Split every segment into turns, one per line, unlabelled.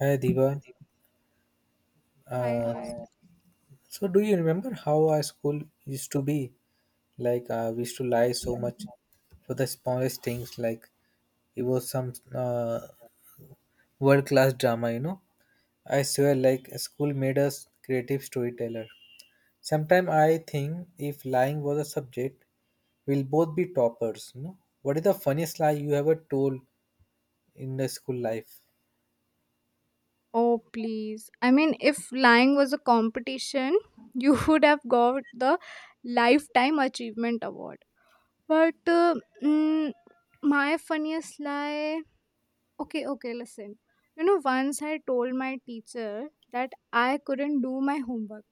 Hi Diva.
Hi,
Uh,
hi.
so do you remember how our school used to be? Like we used to lie so much for the smallest things. Like it was some world class drama. I swear, like school made us creative storyteller. Sometimes I think if lying was a subject, we'll both be toppers. What is the funniest lie you ever told in the school life?
Oh, please. I mean, if lying was a competition, you would have got the Lifetime Achievement Award. But mm, my funniest lie. Okay, okay, listen. Once I told my teacher that I couldn't do my homework.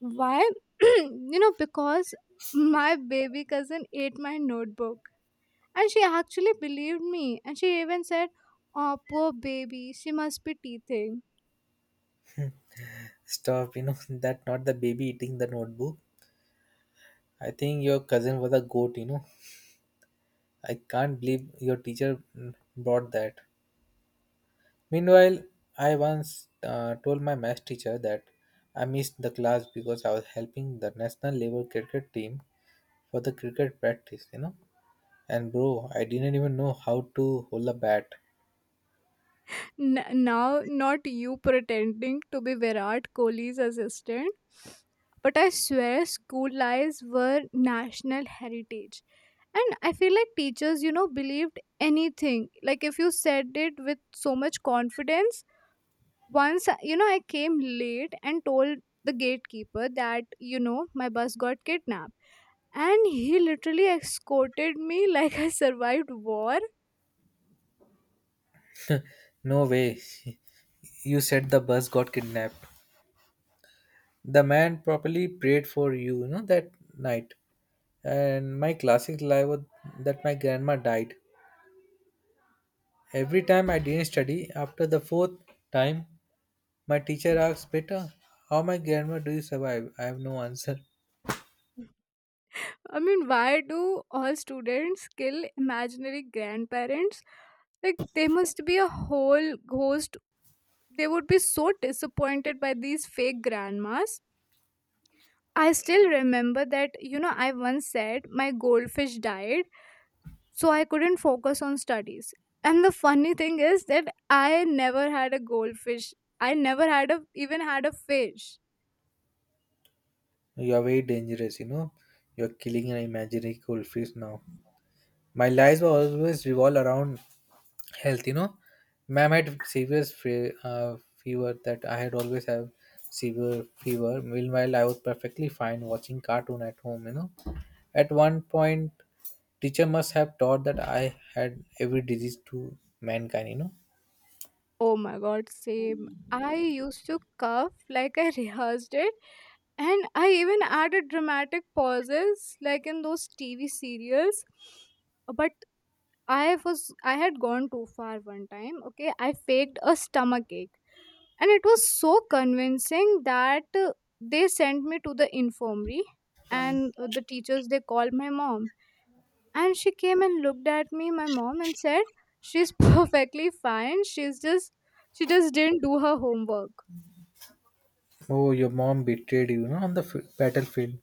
Why? Because my baby cousin ate my notebook. And she actually believed me. And she even said, oh, poor baby, she must be teething.
Stop, that not the baby eating the notebook. I think your cousin was a goat. I can't believe your teacher brought that. Meanwhile, I once told my math teacher that I missed the class because I was helping the national level cricket team for the cricket practice. And bro, I didn't even know how to hold a bat.
Now not you pretending to be Virat Kohli's assistant. But I swear school lies were national heritage. And I feel like teachers, believed anything. Like if you said it with so much confidence, once I came late and told the gatekeeper that, my bus got kidnapped. And he literally escorted me like I survived war.
No way. You said the bus got kidnapped. The man properly prayed for you, that night. And my classic lie was that my grandma died. Every time I didn't study, after the fourth time, my teacher asked, "Beta, how my grandma do you survive?" I have no answer.
I mean, why do all students kill imaginary grandparents? Like, they must be a whole ghost. They would be so disappointed by these fake grandmas. I still remember that, I once said my goldfish died, so I couldn't focus on studies. And the funny thing is that I never had a goldfish. I never had a even had a fish.
You are very dangerous, you know. You're killing an imaginary goldfish now. My lives were always revolve around health. Ma'am had severe fever that I had always have severe fever. Meanwhile, I was perfectly fine watching cartoon at home. At one point, teacher must have taught that I had every disease to mankind.
Oh my god, same. I used to cough like I rehearsed it. And I even added dramatic pauses like in those TV serials. But I had gone too far one time. Okay, I faked a stomach ache, and it was so convincing that they sent me to the infirmary, and the teachers they called my mom, and she came and looked at me, my mom, and said, "She's perfectly fine. She just didn't do her homework."
Oh, your mom betrayed you, on the battlefield.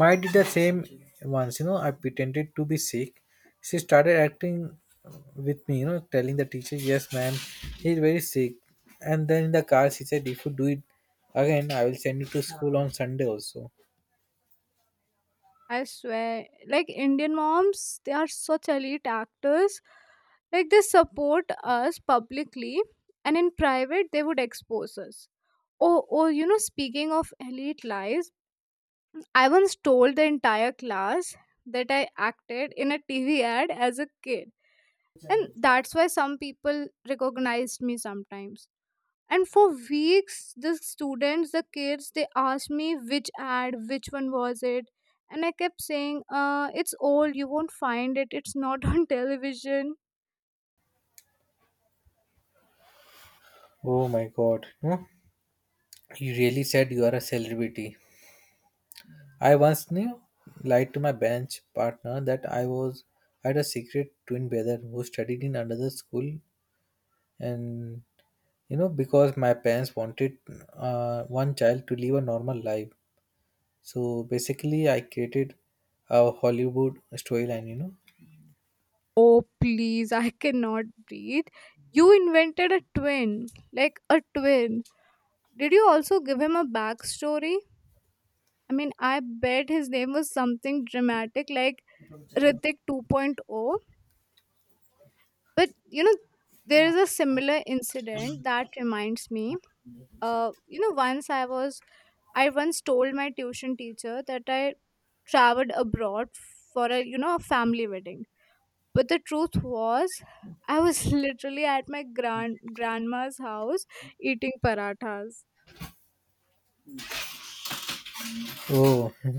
My did the same once, I pretended to be sick. She started acting with me, telling the teacher, "Yes, ma'am, he's very sick." And then in the car, she said, "If you do it again, I will send you to school on Sunday also."
I swear, like Indian moms, they are such elite actors. Like they support us publicly, and in private, they would expose us. Oh, oh, speaking of elite lives, I once told the entire class that I acted in a TV ad as a kid. And that's why some people recognized me sometimes, and for weeks the kids they asked me which which one was it, and I kept saying, it's old, you won't find it, it's not on television.
Oh my god, you really said you are a celebrity. I once lied to my bench partner that I had a secret twin brother who studied in another school, and because my parents wanted one child to live a normal life. So basically, I created a Hollywood storyline.
Oh please, I cannot breathe. You invented a twin, like a twin. Did you also give him a backstory? I mean, I bet his name was something dramatic like Ritik 2.0. But you know, there is a similar incident that reminds me. Once I once told my tuition teacher that I traveled abroad for a family wedding. But the truth was I was literally at my grandma's house eating parathas.
Oh, you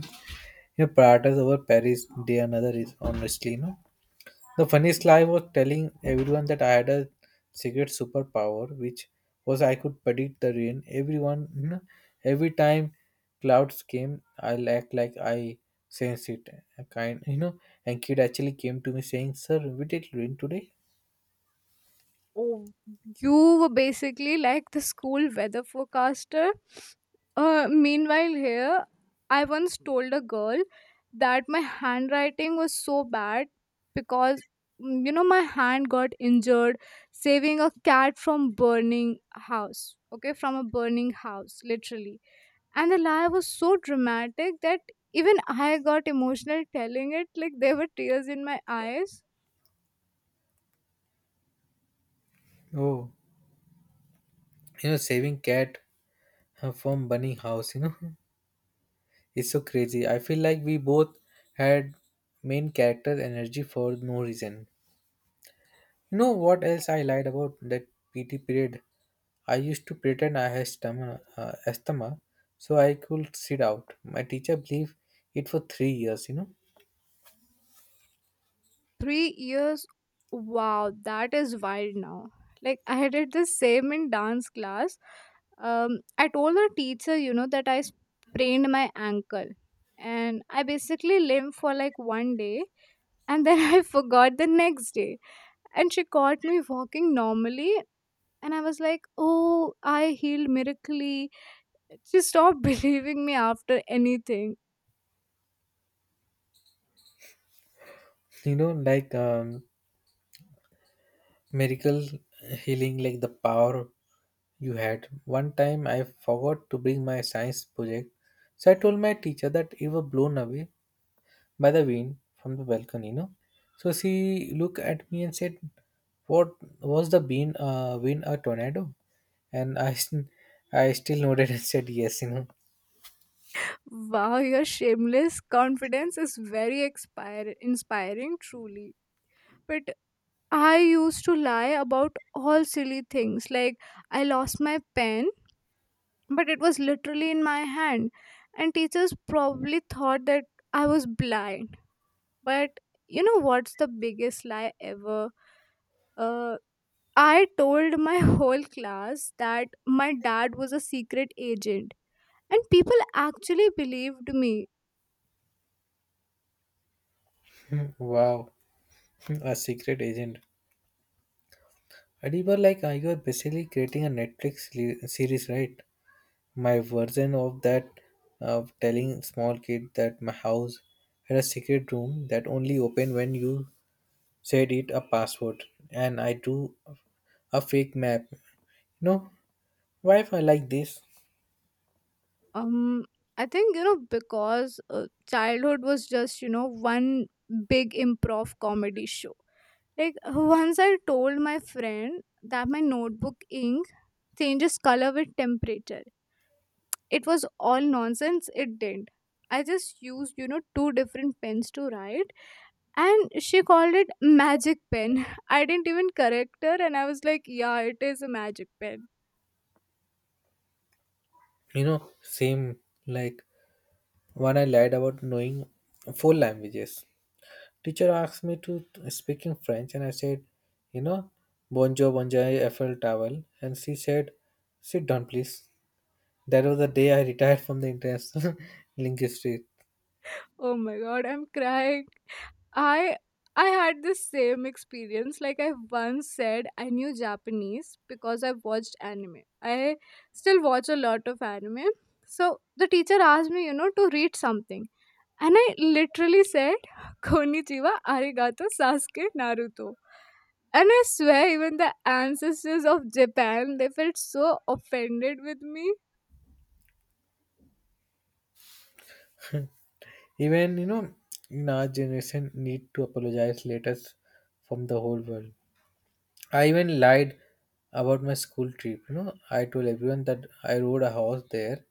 know paratas over paris day. Another is, honestly, the funniest lie was telling everyone that I had a secret superpower which was I could predict the rain. Everyone every time clouds came, I'll act like I sensed it a kind. And kid actually came to me saying, "Sir, we did rain today."
Oh, you were basically like the school weather forecaster. Meanwhile, here, I once told a girl that my handwriting was so bad because, my hand got injured saving a cat from burning house. Okay, from a burning house, literally. And the lie was so dramatic that even I got emotional telling it. Like there were tears in my eyes.
Oh, saving cat from burning house, it's so crazy. I feel like we both had main character energy for no reason. You know what else I lied about that PT period? I used to pretend I had asthma so I could sit out. My teacher believed it for three years.
3 years? Wow, that is wild now. Like, I did the same in dance class. I told the teacher, that I sprained my ankle and I basically limped for like one day and then I forgot the next day. And she caught me walking normally and I was like, oh, I healed miraculously. She stopped believing me after anything.
Like miracle healing, like the power. You had. One time I forgot to bring my science project, so I told my teacher that it was blown away by the wind from the balcony. So she looked at me and said, "What was the wind a tornado?" And I, I still nodded and said, Yes, you
Wow, your shameless confidence is very inspiring, truly. But I used to lie about all silly things, like I lost my pen, but it was literally in my hand. And teachers probably thought that I was blind. But you know what's the biggest lie ever? uh, I told my whole class that my dad was a secret agent. And people actually believed me.
know. Wow, a secret agent. And you were like, you are basically creating a Netflix series, right? My version of that, of telling small kid that my house had a secret room that only opened when you said it a password, and I drew a fake map. No, why if I like this?
um I think because childhood was just one big improv comedy show. Like once I told my friend that my notebook ink changes color with temperature. It was all nonsense, it didn't. I just used, two different pens to write, and she called it magic pen. I didn't even correct her and I was like, yeah, it is a magic pen.
Same like when I lied about knowing four languages. Teacher asked me to speak in French, and I said, you know, "Bonjour, bonjour, Eiffel Tower," and she said, "Sit down, please." That was the day I retired from the international linguistics.
Oh my god, I'm crying. I I had the same experience. Like I once said, I knew Japanese because I watched anime. I still watch a lot of anime. So the teacher asked me, to read something, and I literally said, "Konnichiwa, arigato, Sasuke, Naruto." And I swear, even the ancestors of Japan, they felt so offended with me.
Even in our generation, need to apologize letters from the whole world. I even lied about my school trip. I told everyone that I rode a horse there,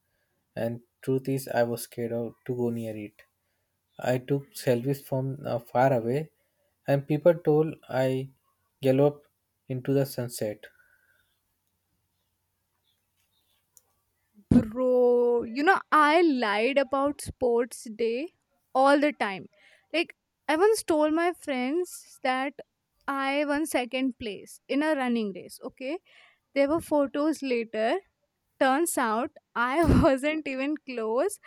and truth is, I was scared of, to go near it. I took selfies from far away, and people told I galloped into the sunset.
Bro, I lied about sports day all the time. Like, I once told my friends that I won second place in a running race. Okay. There were photos later. Turns out I wasn't even close.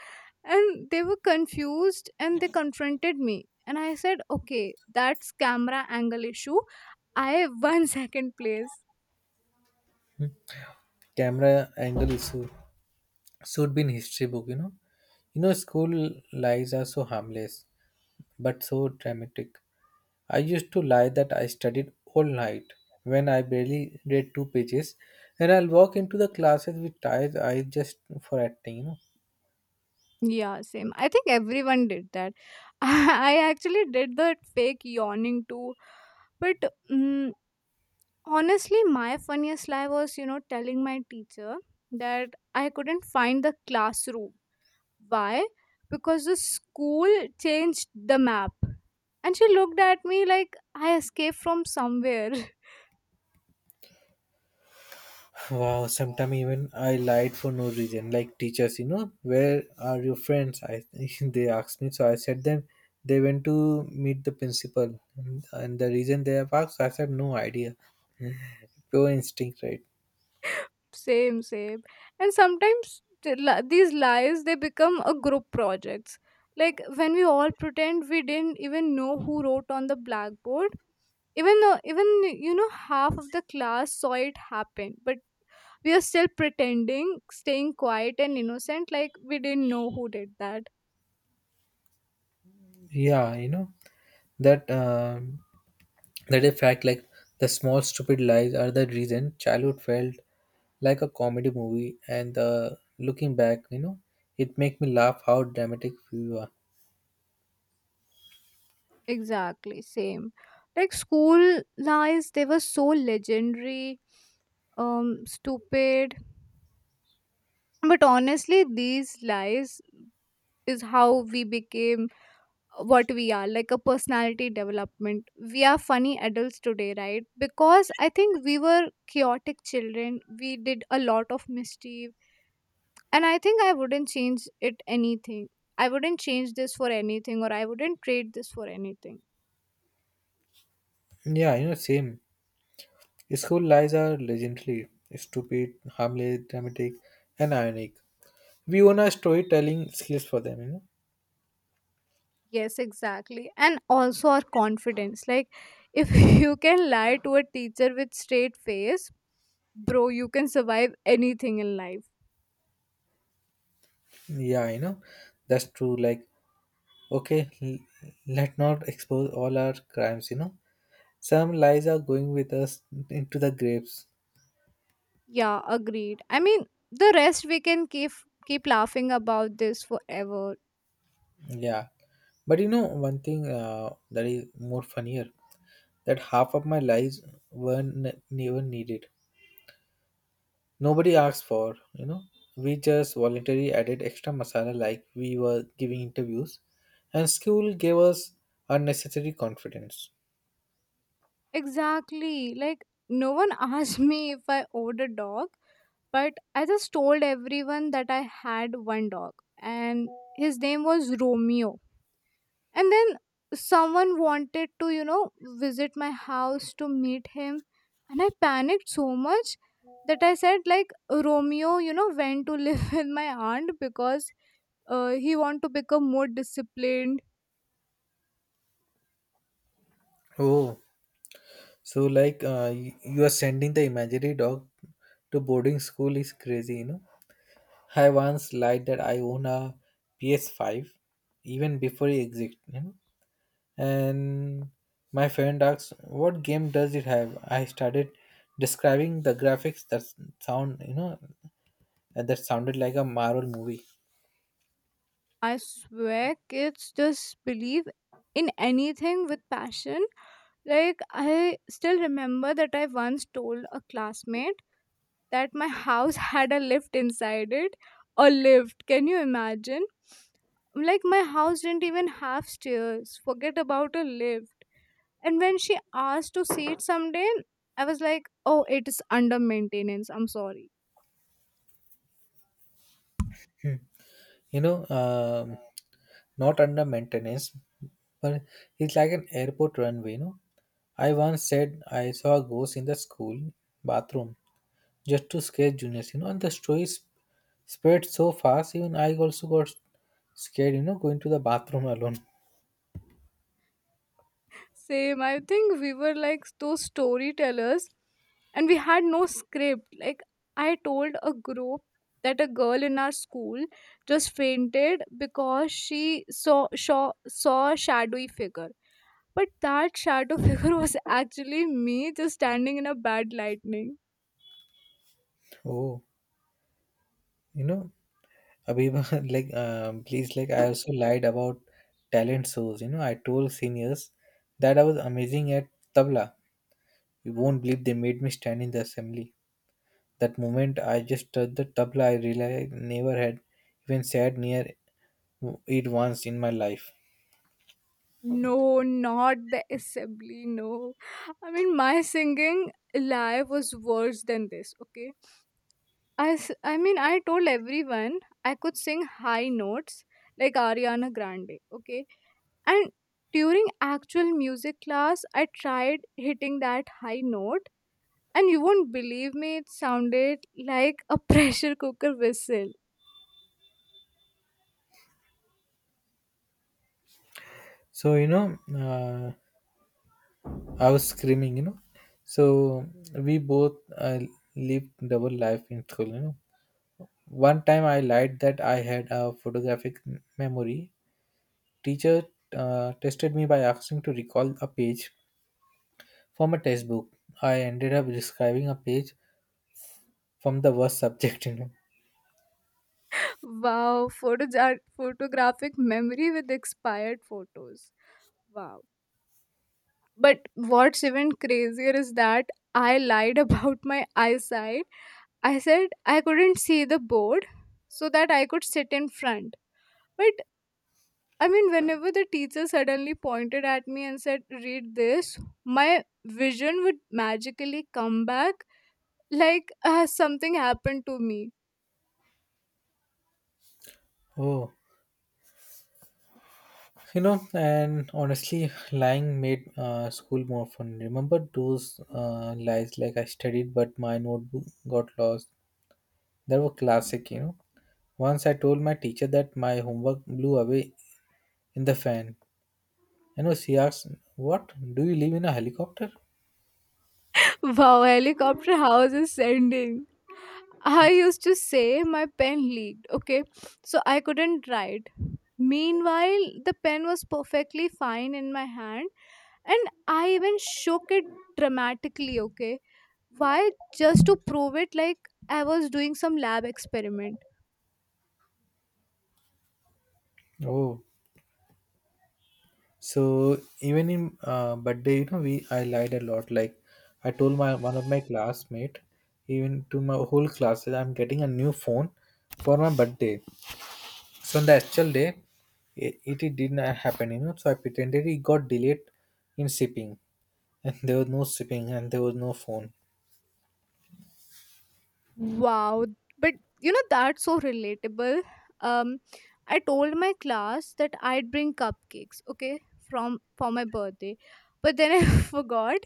And they were confused and they confronted me. And I said, okay, that's camera angle issue. I won second place.
Camera angle issue. Should be in history book. School lies are so harmless but so dramatic. I used to lie that I studied all night when I barely read two pages, and I'll walk into the classes with tired eyes just for acting.
Yeah, same. I think everyone did that. I actually did that fake yawning too. But mm, honestly, my funniest lie was, telling my teacher that I couldn't find the classroom. Why? Because the school changed the map. And she looked at me like I escaped from somewhere.
Wow, sometimes even I lied for no reason. Like teachers, where are your friends? I they asked me, so I said them, they went to meet the principal, and the reason they have asked, I said, "No idea." Pure instinct, right?
Same, same. And sometimes these lies they become a group projects. Like when we all pretend we didn't even know who wrote on the blackboard. Even though, even half of the class saw it happen, but we are still pretending, staying quiet and innocent, like we didn't know who did that.
Yeah, that that a fact. Like, the small stupid lies are the reason childhood felt like a comedy movie, and looking back, it make me laugh how dramatic we were.
Exactly, same. Like school lies, they were so legendary, stupid. But honestly, these lies is how we became what we are, like a personality development. We are funny adults today, right? Because I think we were chaotic children, we did a lot of mischief. And I think I wouldn't change it anything. I wouldn't change this for anything, or I wouldn't trade this for anything.
Yeah, same. School lies are legendary, stupid, harmless, dramatic, and ironic. We own our storytelling skills for them.
Yes, exactly, and also our confidence. Like, if you can lie to a teacher with straight face, bro, you can survive anything in life.
Yeah, that's true. Like, okay, let not expose all our crimes. Some lies are going with us into the graves.
Yeah, agreed. I mean, the rest we can keep laughing about this forever.
Yeah. But one thing that is more funnier, that half of my lies weren't never needed. Nobody asked for. We just voluntarily added extra masala like we were giving interviews, and school gave us unnecessary confidence.
Exactly. Like no one asked me if I owed a dog, but I just told everyone that I had one dog, and his name was Romeo. And then someone wanted to visit my house to meet him. And I panicked so much that I said, like, Romeo went to live with my aunt because he want to become more disciplined.
Oh, so like you are sending the imaginary dog to boarding school is crazy. I once lied that I own a PS5 even before it existed. And my friend asked, "What game does it have?" I started describing the graphics that sound, that sounded like a Marvel movie.
I swear kids just believe in anything with passion. Like, I still remember that I once told a classmate that my house had a lift inside it. A lift, can you imagine? Like my house didn't even have stairs. Forget about a lift. And when she asked to see it someday, I was like, oh, it is under maintenance. I'm sorry.
Hmm. You know, um, Not under maintenance, but it's like an airport runway. I once said I saw a ghost in the school bathroom just to scare juniors, and the story spread so fast. Even I also got scared going to the bathroom alone.
Same. I think we were like those storytellers and we had no script. Like, I told a group that a girl in our school just fainted because she saw a shadowy figure. But that shadow figure was actually me just standing in a bad lightning.
Oh, you know Abiba. Like, please, like I also lied about talent shows. I told seniors that I was amazing at tabla. You won't believe, they made me stand in the assembly. That moment I just touched the tabla, I realized I never had even sat near it once in my life.
No, not the assembly, no. I mean, my singing live was worse than this, okay? I mean, I told everyone I could sing high notes like Ariana Grande, okay? And during actual music class, I tried hitting that high note, and you won't believe me, it sounded like a pressure cooker whistle.
so you know uh, I was screaming. So we both lived double life in school. One time I lied that I had a photographic memory. Teacher tested me by asking to recall a page from a textbook. I ended up describing a page from the worst subject.
Wow, photographic memory with expired photos. Wow. But what's even crazier is that I lied about my eyesight. I said I couldn't see the board so that I could sit in front. But I mean, whenever the teacher suddenly pointed at me and said, read this, my vision would magically come back like something happened to me.
Oh, and honestly, lying made school more fun. Remember those lies like I studied, but my notebook got lost. They were classic. Once I told my teacher that my homework blew away in the fan. She asked, "What? Do you live in a helicopter?"
Wow, helicopter house is sending. I used to say my pen leaked, okay? So I couldn't write. Meanwhile, the pen was perfectly fine in my hand and I even shook it dramatically, okay? Why? Just to prove it like I was doing some lab experiment.
Oh, so even in birthday, we I lied a lot. Like I told my one of my classmate, even to my whole class, that I'm getting a new phone for my birthday. So on the actual day, it did not happen. So I pretended it got delayed in shipping, and there was no shipping, and there was no phone.
Wow, but you know that's so relatable. Um, I told my class that I'd bring cupcakes, okay, from for my birthday, but then I forgot.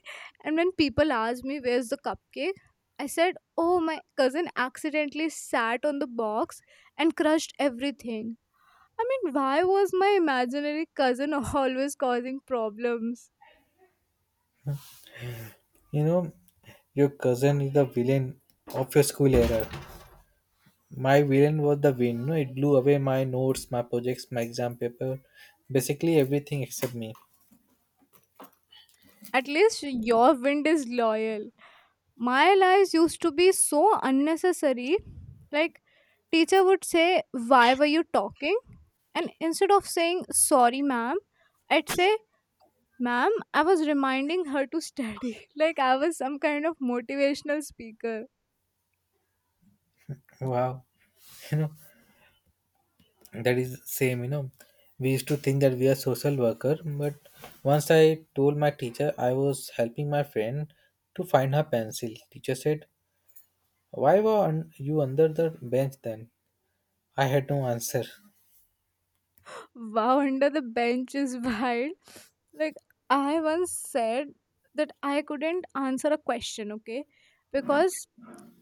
And when people asked me where's the cupcake, I said, "Oh, my cousin accidentally sat on the box and crushed everything." I mean, why was my imaginary cousin always causing problems?
You know, your cousin is the villain of your school era. My villain was the wind. No, it blew away my notes, my projects, my exam paper, basically everything except me.
At least your wind is loyal. My lies used to be so unnecessary, like, teacher would say, why were you talking? And instead of saying sorry ma'am, I'd say, ma'am, I was reminding her to study, like I was some kind of motivational speaker.
Wow, you know that is same. We used to think that we are social worker, but once I told my teacher I was helping my friend to find her pencil. Teacher said, "Why were you under the bench then?" I had no answer.
Wow, under the bench is wild. Like, I once said that I couldn't answer a question, okay, because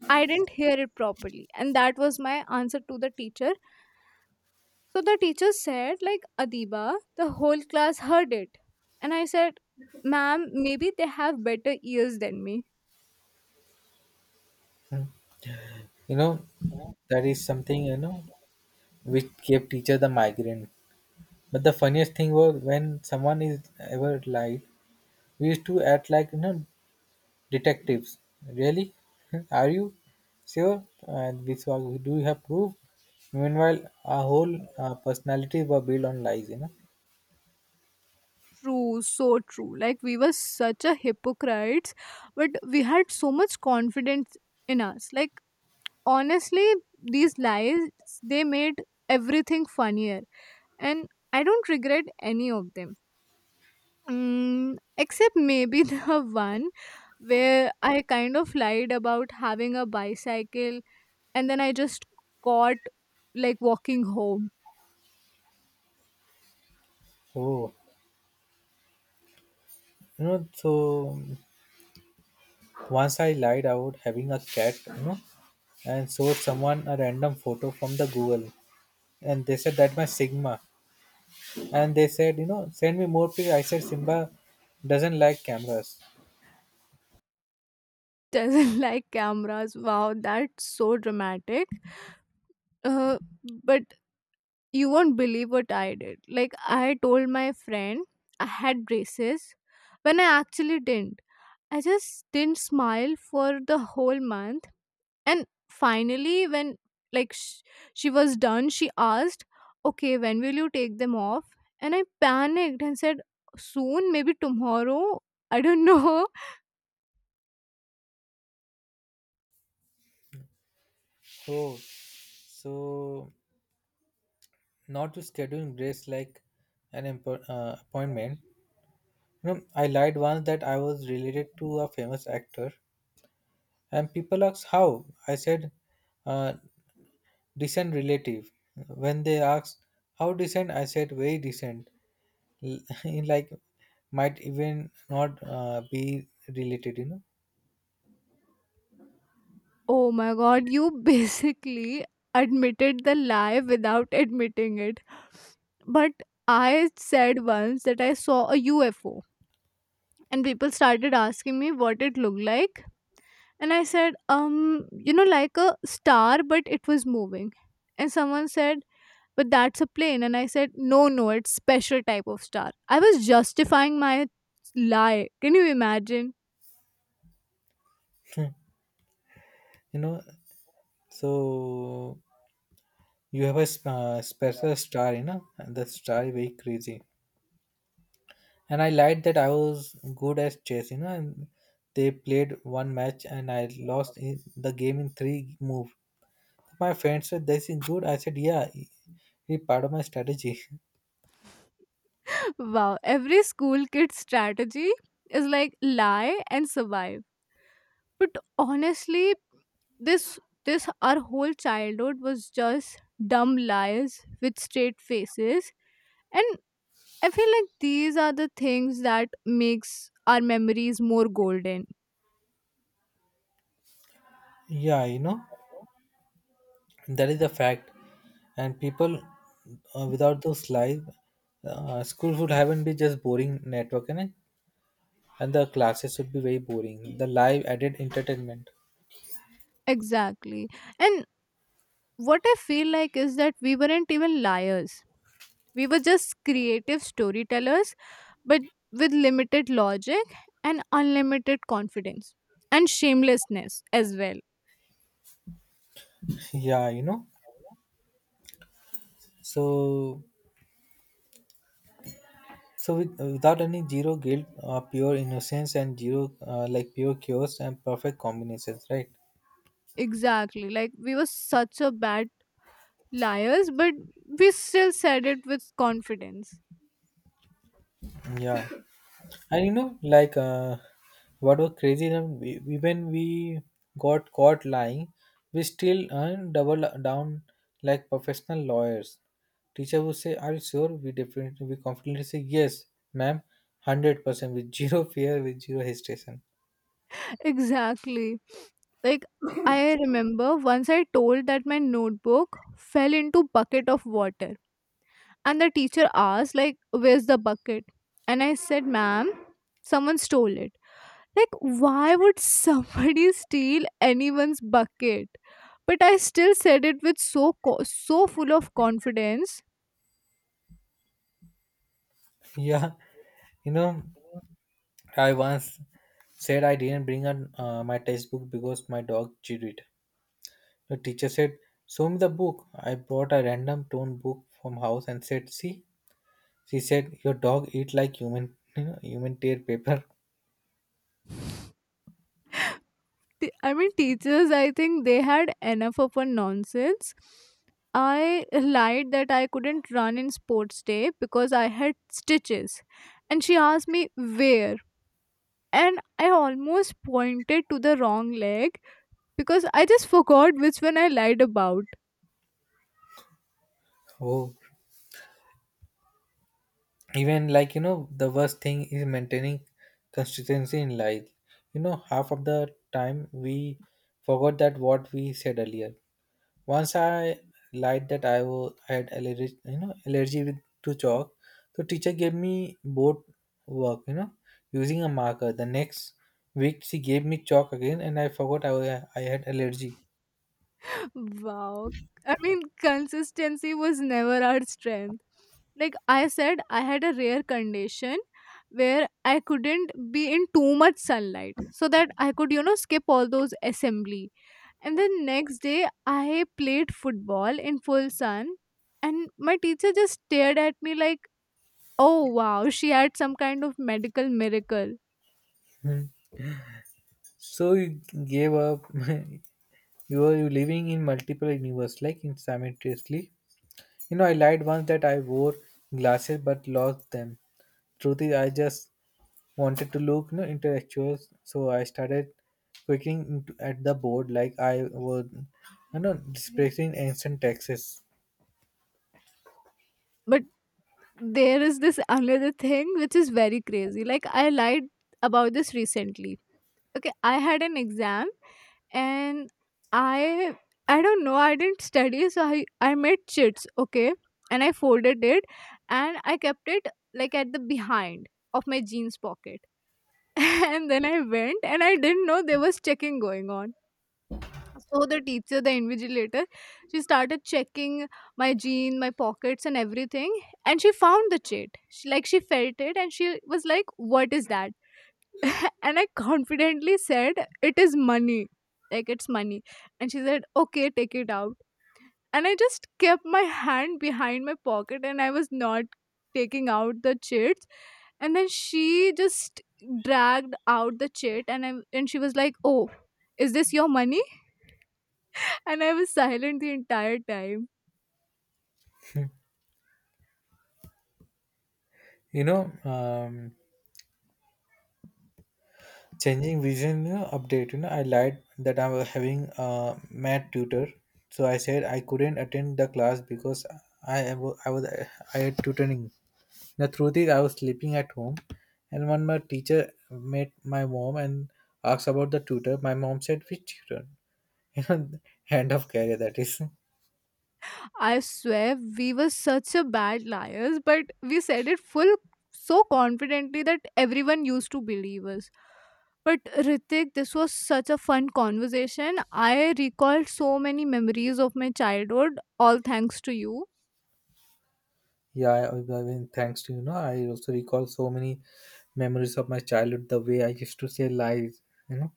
I didn't hear it properly, and that was my answer to the teacher. So the teacher said, like, Adiba, the whole class heard it. And I said, ma'am, maybe they have better ears than me.
You know that is something which gave teacher the migraine. But the funniest thing was when someone is ever lied, we used to act like detectives. Really? Are you sure? And this was, "Do you have proof?" Meanwhile, our whole personalities were built on lies.
True, so true. Like, we were such a hypocrites, but we had so much confidence in us. Like, honestly, these lies, they made everything funnier. And I don't regret any of them. Mm, except maybe the one where I kind of lied about having a bicycle and then I just caught like walking home.
Oh, So once I lied about having a cat. And showed someone a random photo from the Google, and they said that my Sigma, and they said, "Send me more pictures." I said, "Simba doesn't like cameras."
Doesn't like cameras. Wow, that's so dramatic. Uh, but you won't believe what I did. Like, I told my friend I had braces when I actually didn't. I just didn't smile for the whole month. And finally, when like sh- she was done, she asked, "Okay, when will you take them off?" And I panicked and said, "Soon, maybe tomorrow." I don't know.
Oh, so, not to schedule breaks like an appointment. I lied once that I was related to a famous actor, and people asked how. I said, uh, "Decent relative." When they asked how decent, I said very decent. Like might even not be related.
Oh my god, you basically admitted the lie without admitting it. But I said once that I saw a UFO, and people started asking me what it looked like, and I said, like a star, but it was moving. And someone said, but that's a plane. And I said, no, it's special type of star. I was justifying my lie. Can you imagine?
You know. So you have a special star. And the star is very crazy. And I lied that I was good at chess. And they played one match, and I lost in the game in three moves. My friend said, "This is good." I said, "Yeah, it's part of my strategy."
Wow, every school kid strategy is like lie and survive. But honestly, this this our whole childhood was just dumb lies with straight faces, and I feel like these are the things that makes our memories more golden.
Yeah, that is the fact. And people, without those lies, school would haven't be just boring network, you know? And the classes would be very boring. The live added entertainment.
Exactly. And what I feel like is that we weren't even liars, we were just creative storytellers, but with limited logic and unlimited confidence and shamelessness as well.
Yeah. So So with, without any zero guilt, pure innocence and zero like pure chaos and perfect combinations, right?
Exactly, like we were such a bad liars, but we still said it with confidence.
Yeah, and like what was crazy is that when we got caught lying, we still earn double down like professional lawyers. Teacher would say, "Are you sure?" We confidently say, "Yes, ma'am, 100% with zero fear, with zero hesitation."
Exactly. Like, I remember once I told that my notebook fell into bucket of water, and the teacher asked, like, where's the bucket? And I said, "Ma'am, someone stole it." Like, why would somebody steal anyone's bucket? But I still said it with so full of confidence.
Yeah, you know I once said I didn't bring my textbook because my dog chewed it. The teacher said, "Show me the book." I brought a random torn book from house and said, "See?" She said, "Your dog eat like human, human tear paper."
I mean, teachers, I think they had enough of a nonsense. I lied that I couldn't run in sports day because I had stitches. And she asked me where. And I almost pointed to the wrong leg because I just forgot which one I lied about.
Oh, even like, the worst thing is maintaining consistency in life. Half of the time we forgot that what we said earlier. Once I lied that I had allergy, allergy with, to chalk. So teacher gave me board work, using a marker. The next week she gave me chalk again, and I forgot I had allergy.
Wow. I mean, consistency was never our strength. Like, I said I had a rare condition where I couldn't be in too much sunlight so that I could, you know, skip all those assembly. And then next day, I played football in full sun, and my teacher just stared at me like, oh wow, she had some kind of medical miracle.
Hmm. So you gave up. you were you living in multiple universe, like in simultaneously. I lied once that I wore glasses but lost them. Truth is, I just wanted to look intellectual, so I started quaking into, at the board like I was displacing ancient texts.
But there is this another thing which is very crazy. Like, I lied about this recently. Okay, I had an exam, and I I don't know, I didn't study, so I made chits, okay? And I folded it and I kept it like at the behind of my jeans pocket. And then I went, and I didn't know there was checking going on. So the teacher, the invigilator, she started checking my jean, my pockets and everything, and she found the chit. She, like, she felt it, and she was like, "What is that?" And I confidently said, it is money. Like, it's money. And she said, okay, take it out. And I just kept my hand behind my pocket and I was not taking out the chits. And then she just dragged out the chit, and she was like, oh, is this your money? And I was silent the entire time.
You know, um, Changing vision update. I lied that I was having a math tutor, so I said I couldn't attend the class because I wa- I was I had tutoring. The truth is, I was sleeping at home, and when my teacher met my mom and asked about the tutor, my mom said, "Which tutor?" you know end of career, that is.
I swear we were such a bad liars, but we said it full so confidently that everyone used to believe us. But Ritik, this was such a fun conversation. I recalled so many memories of my childhood, all thanks to you.
Yeah, I mean, thanks to I also recall so many memories of my childhood, the way I used to say lies you know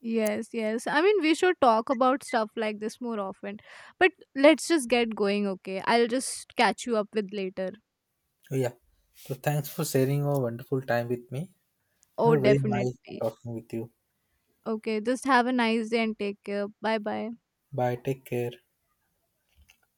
Yes, yes. I mean, we should talk about stuff like this more often. But let's just get going, okay? I'll just catch you up with later.
so yeah, so thanks for sharing a wonderful time with me.
Oh,
Very nice
definitely.
talking with you.
Okay, just have a nice day and take care. Bye bye.
Bye, take care.